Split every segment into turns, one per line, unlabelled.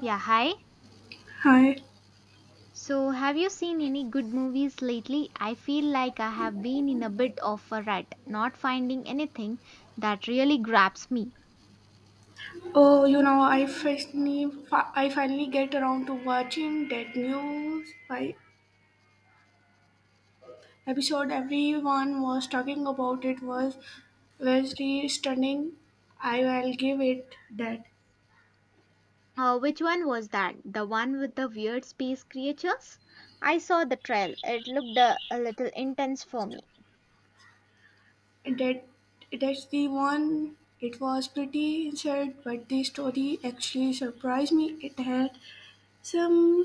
Yeah, hi.
Hi.
So, have you seen any good movies lately? I feel like I have been in a bit of a rut, not finding anything that really grabs me.
Oh, you know, I finally get around to watching that new spy episode. Everyone was talking about it was very stunning. I will give it that.
Which one was that? The one with the weird space creatures? I saw the trail. It looked a little intense for me.
That that's the one. It was pretty inside, but the story actually surprised me. It had some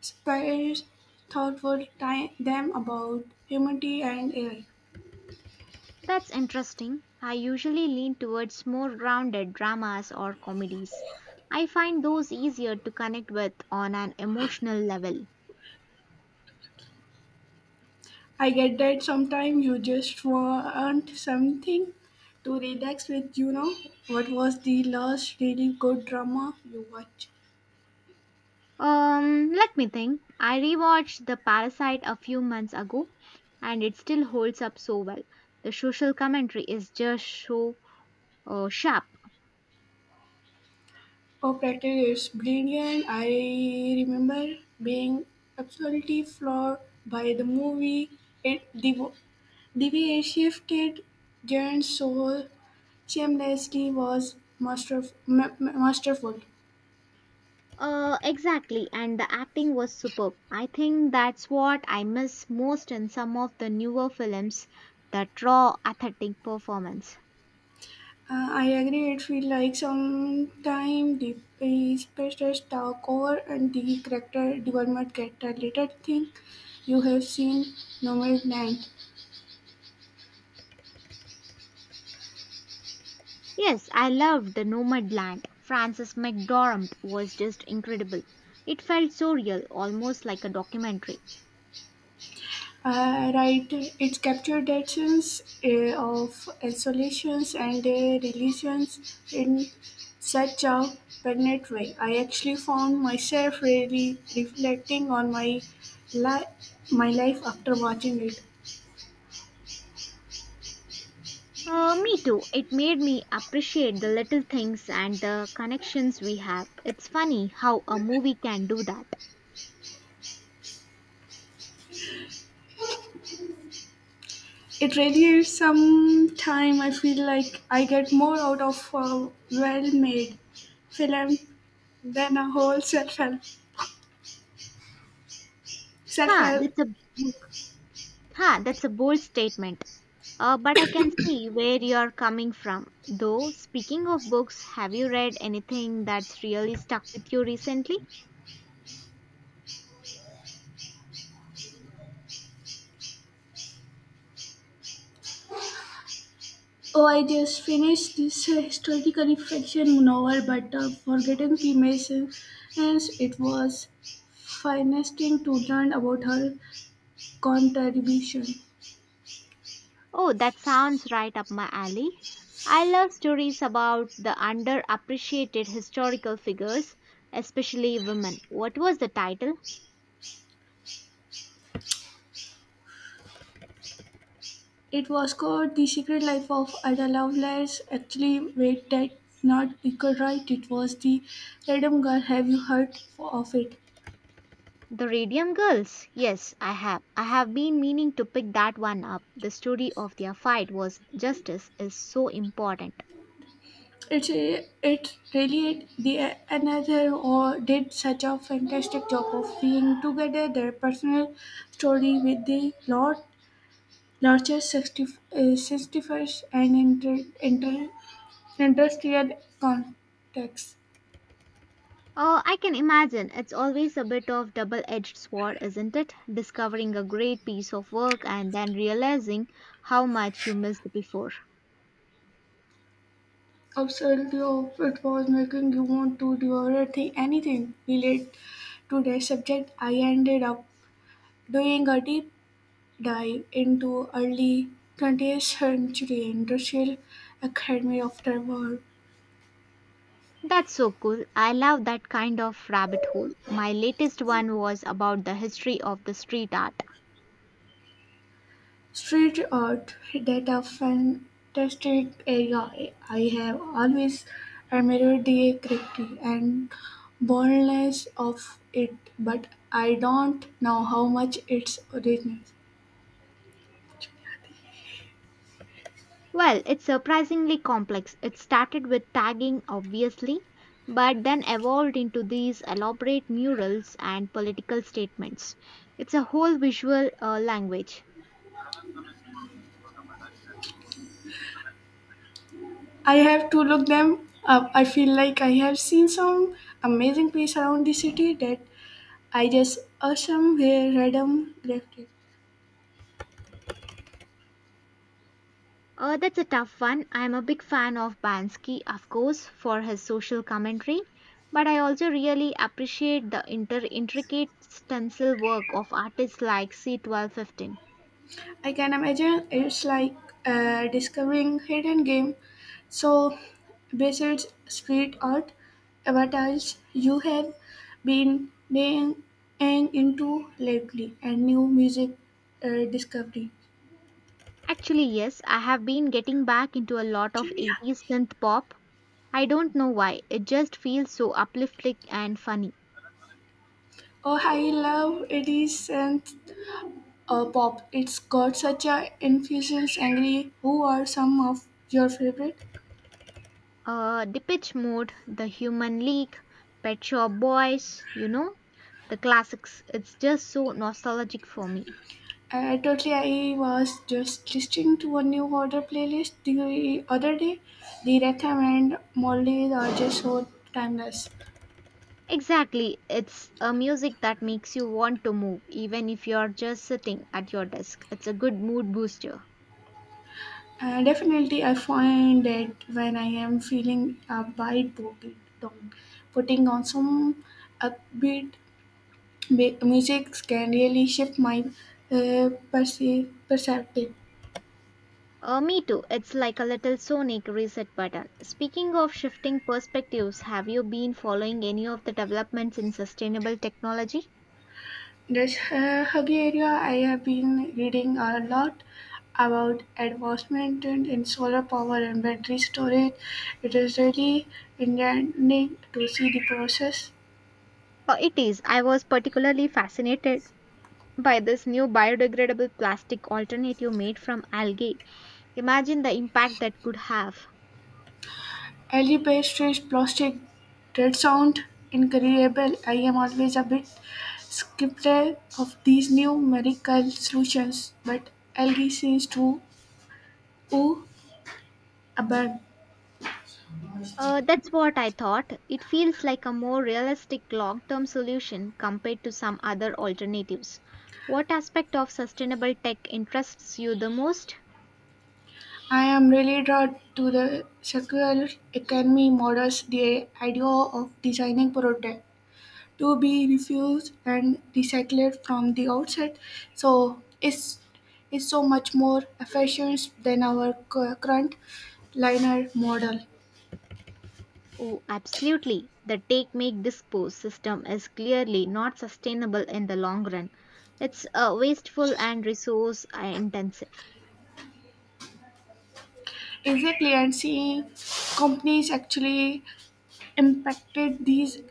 spires thoughtful time them about humanity and AI.
That's interesting. I usually lean towards more grounded dramas or comedies. I find those easier to connect with on an emotional level.
I get that sometimes you just want something to relax with, you know. What was the last really good drama you watched?
Let me think. I rewatched The Parasite a few months ago and it still holds up so well. The social commentary is just so sharp.
Oh, Practice is brilliant. I remember being absolutely floored by the movie. It the, the way it shifted Jane's soul seamlessly was masterful.
Exactly, and the acting was superb. I think that's what I miss most in some of the newer films, that raw, authentic performance.
I agree. It feels like sometimes the species talk over and the character development get a little thing you have seen Nomadland.
Yes, I loved The Nomadland. Frances McDormand was just incredible. It felt so real, almost like a documentary.
Right, it captured that sense of isolations and relations in such a pregnant way. I actually found myself really reflecting on li- my life after watching it.
Me too. It made me appreciate the little things and the connections we have. It's funny how a movie can do that.
It radiates sometime I feel like I get more out of a well made film than a whole self
Huh,
help.
that's a that's a bold statement. But I can see where you're coming from. Though, speaking of books, have you read anything that's really stuck with you recently?
Oh, I just finished this historical fiction novel, but Forgotten Freemasons, and it was fascinating to learn about her contribution.
Oh, that sounds right up my alley. I love stories about the underappreciated historical figures, especially women. What was the title?
It was called The Secret Life of Ada Lovelace. Actually, wait, that not equal right. It was the Random Girl. Have you heard of it?
The Radium Girls? Yes, I have. I have been meaning to pick that one up. The story of their fight was justice is so important.
It really the another or did such a fantastic job of being together their personal story with the lot larger sixty-first and industrial context.
Oh, I can imagine. It's always a bit of double-edged sword, isn't it? Discovering a great piece of work and then realizing how much you missed before.
Absolutely, oh, it was making you want to devour anything related to the subject. I ended up doing a deep dive into early 20th century industrial academy of the world.
That's so cool. I love that kind of rabbit hole. My latest one was about the history of the street art.
Street art, that a fantastic area. I have always admired the creativity and boldness of it, but I don't know how much it's original.
Well, it's surprisingly complex. It started with tagging, obviously, but then evolved into these elaborate murals and political statements. It's a whole visual language.
I have to look them up. I feel like I have seen some amazing place around the city that I just somewhere random left it.
That's a tough one. I'm a big fan of Bansky, of course, for his social commentary, but I also really appreciate the intricate stencil work of artists like C1215.
I can imagine it's like discovering hidden game. So, besides street art avatars, you have been being into lately and new music discovery.
Actually, yes, I have been getting back into a lot of 80s synth pop. I don't know why, it just feels so uplifting and funny.
Oh, I love it is and Pop, it's got such a infectious angry. Who are some of your favorite?
The pitch mode, the human league, Pet Shop Boys, you know, the classics. It's just so nostalgic for me.
Totally, I was just listening to a new order playlist the other day. The Rhythm and Molly are just so timeless.
Exactly, it's a music that makes you want to move, even if you're just sitting at your desk. It's a good mood booster.
Definitely, I find that when I am feeling a bit broken down, putting on some upbeat music can really shift my perspective.
Me too, it's like a little sonic reset button. Speaking of shifting perspectives, have you been following any of the developments in sustainable technology?
This huggy area, I have been reading a lot about advancement in solar power and battery storage. It is really enlightening to see the process.
It is. I was particularly fascinated by this new biodegradable plastic alternative made from algae. Imagine the impact that could have.
Early pastries, plastic, that sound incredible. I am always a bit skeptical of these new miracle solutions, but algae seems to ooh, a.
That's what I thought. It feels like a more realistic long term solution compared to some other alternatives. What aspect of sustainable tech interests you the most?
I am really drawn to the circular economy models, the idea of designing product to be refused and recycled from the outset. So it's is so much more efficient than our current liner model.
Oh, absolutely. The take make dispose system is clearly not sustainable in the long run. It's wasteful and resource intensive.
Exactly, and seeing companies actually impacted these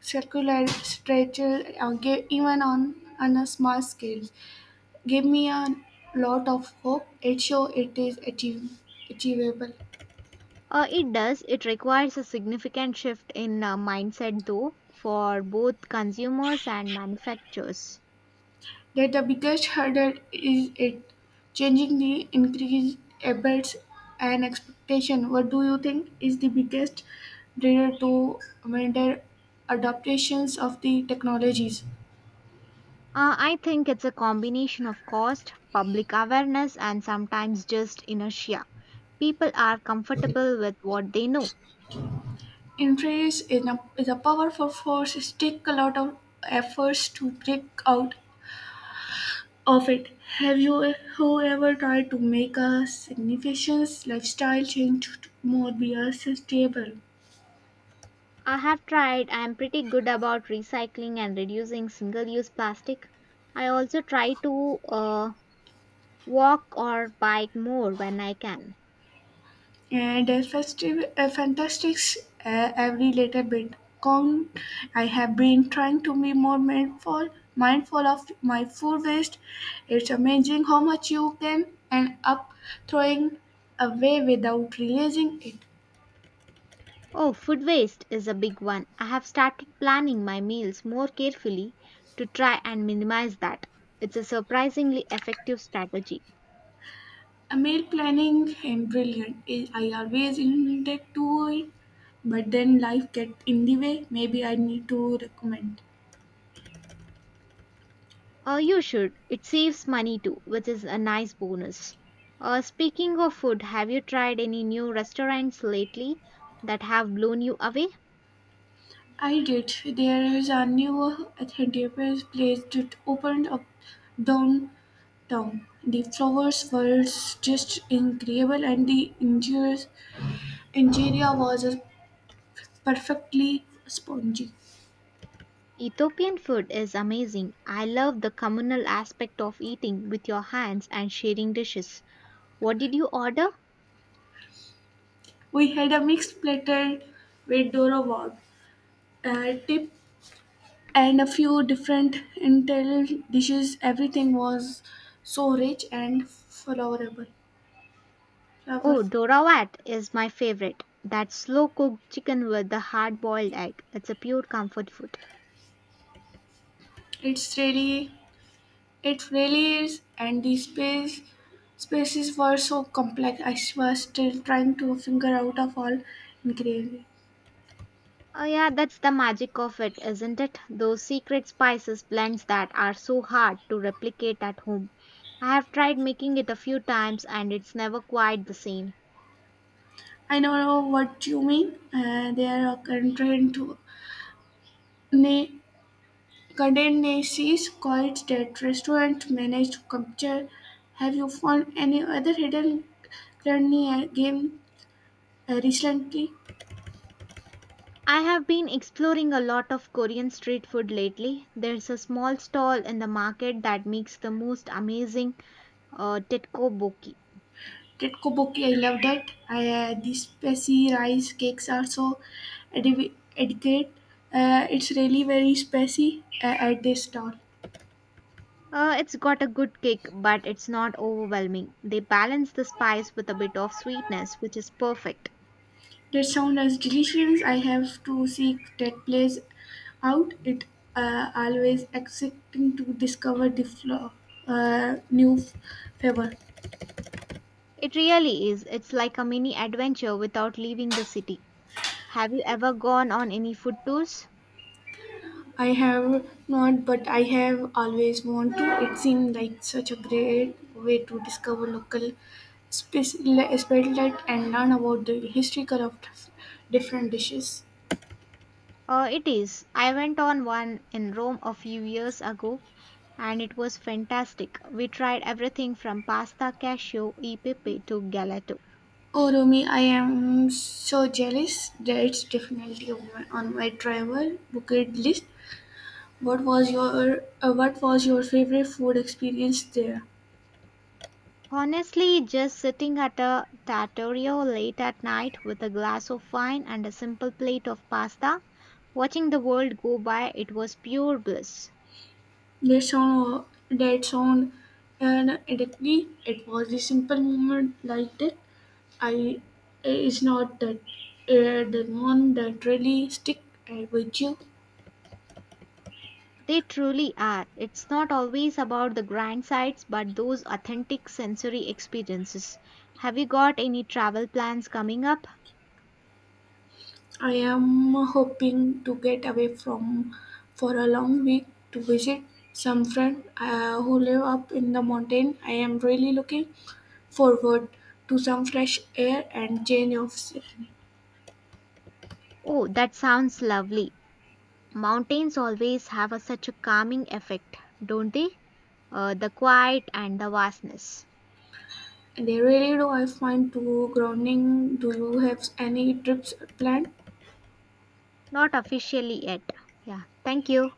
circular stretches even on a small scale. Give me a lot of hope. It show it is achievable.
It does. It requires a significant shift in mindset, though, for both consumers and manufacturers.
That the biggest hurdle is it changing the increased habits and expectation. What do you think is the biggest barrier to mental adaptations of the technologies?
I think it's a combination of cost, public awareness, and sometimes just inertia. People are comfortable with what they know.
Is a powerful force. It take a lot of efforts to break out of it. Have you who ever tried to make a significant lifestyle change to more beer sustainable
I have tried, I'm pretty good about recycling and reducing single use plastic. I also try to walk or bike more when I can.
a fantastic every little bit count? I have been trying to be more mindful of my food waste. It's amazing how much you can end up throwing away without realizing it.
Oh, food waste is a big one. I have started planning my meals more carefully to try and minimize that. It's a surprisingly effective strategy.
A meal planning, I'm brilliant. I always intended to it, but then life gets in the way. Maybe I need to recommend.
You should. It saves money too, which is a nice bonus. Speaking of food, have you tried any new restaurants lately that have blown you away?
I did. There is a new Ethiopian place that opened up downtown. The flowers were just incredible, and the interior was perfectly spongy.
Ethiopian food is amazing. I love the communal aspect of eating with your hands and sharing dishes. What did you order?
We had a mixed platter with Doro Wag, a tip and a few different intel dishes. Everything was so rich and flavorable.
Oh,
flavorful.
Dora is my favorite. That slow cooked chicken with the hard boiled egg. It's a pure comfort food.
It's really, it really is. And the spaces were so complex. I was still trying to figure out of all ingredients.
Oh yeah, that's the magic of it, isn't it? Those secret spices blends that are so hard to replicate at home. I have tried making it a few times and it's never quite the same.
I know what you mean. There are contained to na- contained naces called that restaurant managed to capture. Have you found any other hidden Granny game Recently,
I have been exploring a lot of Korean street food lately. There's a small stall in the market that makes the most amazing tteokbokki.
Tetkoboki, I love that. These spicy rice cakes are so ediv- educate. It's really very spicy at this stall.
It's got a good kick, but it's not overwhelming. They balance the spice with a bit of sweetness, which is perfect.
That sound as delicious. I have to seek that place out. It always exciting to discover the uh, new f- flavor.
It really is. It's like a mini adventure without leaving the city. Have you ever gone on any food tours?
I have not, but I have always want to. It seemed like such a great way to discover local specialty and learn about the history of different dishes.
It is. I went on one in Rome a few years ago and it was fantastic. We tried everything from pasta cashew e pepe to gelato.
Oh, Rumi, I am so jealous. That's definitely on on my travel bucket list. What was your favorite food experience there?
Honestly, just sitting at a trattoria late at night with a glass of wine and a simple plate of pasta, watching the world go by, it was pure bliss.
That sound, and directly it was a simple moment like that. I it's not that the one that really stick with you.
They truly are. It's not always about the grand sights, but those authentic sensory experiences. Have you got any travel plans coming up?
I am hoping to get away from for a long week to visit some friend who live up in the mountain. I am really looking forward to some fresh air and change of scenery.
Oh, that sounds lovely. Mountains always have such a calming effect, don't they? The quiet and the vastness.
They really do I find too grounding. Do you have any trips planned?
Not officially yet. Yeah, thank you.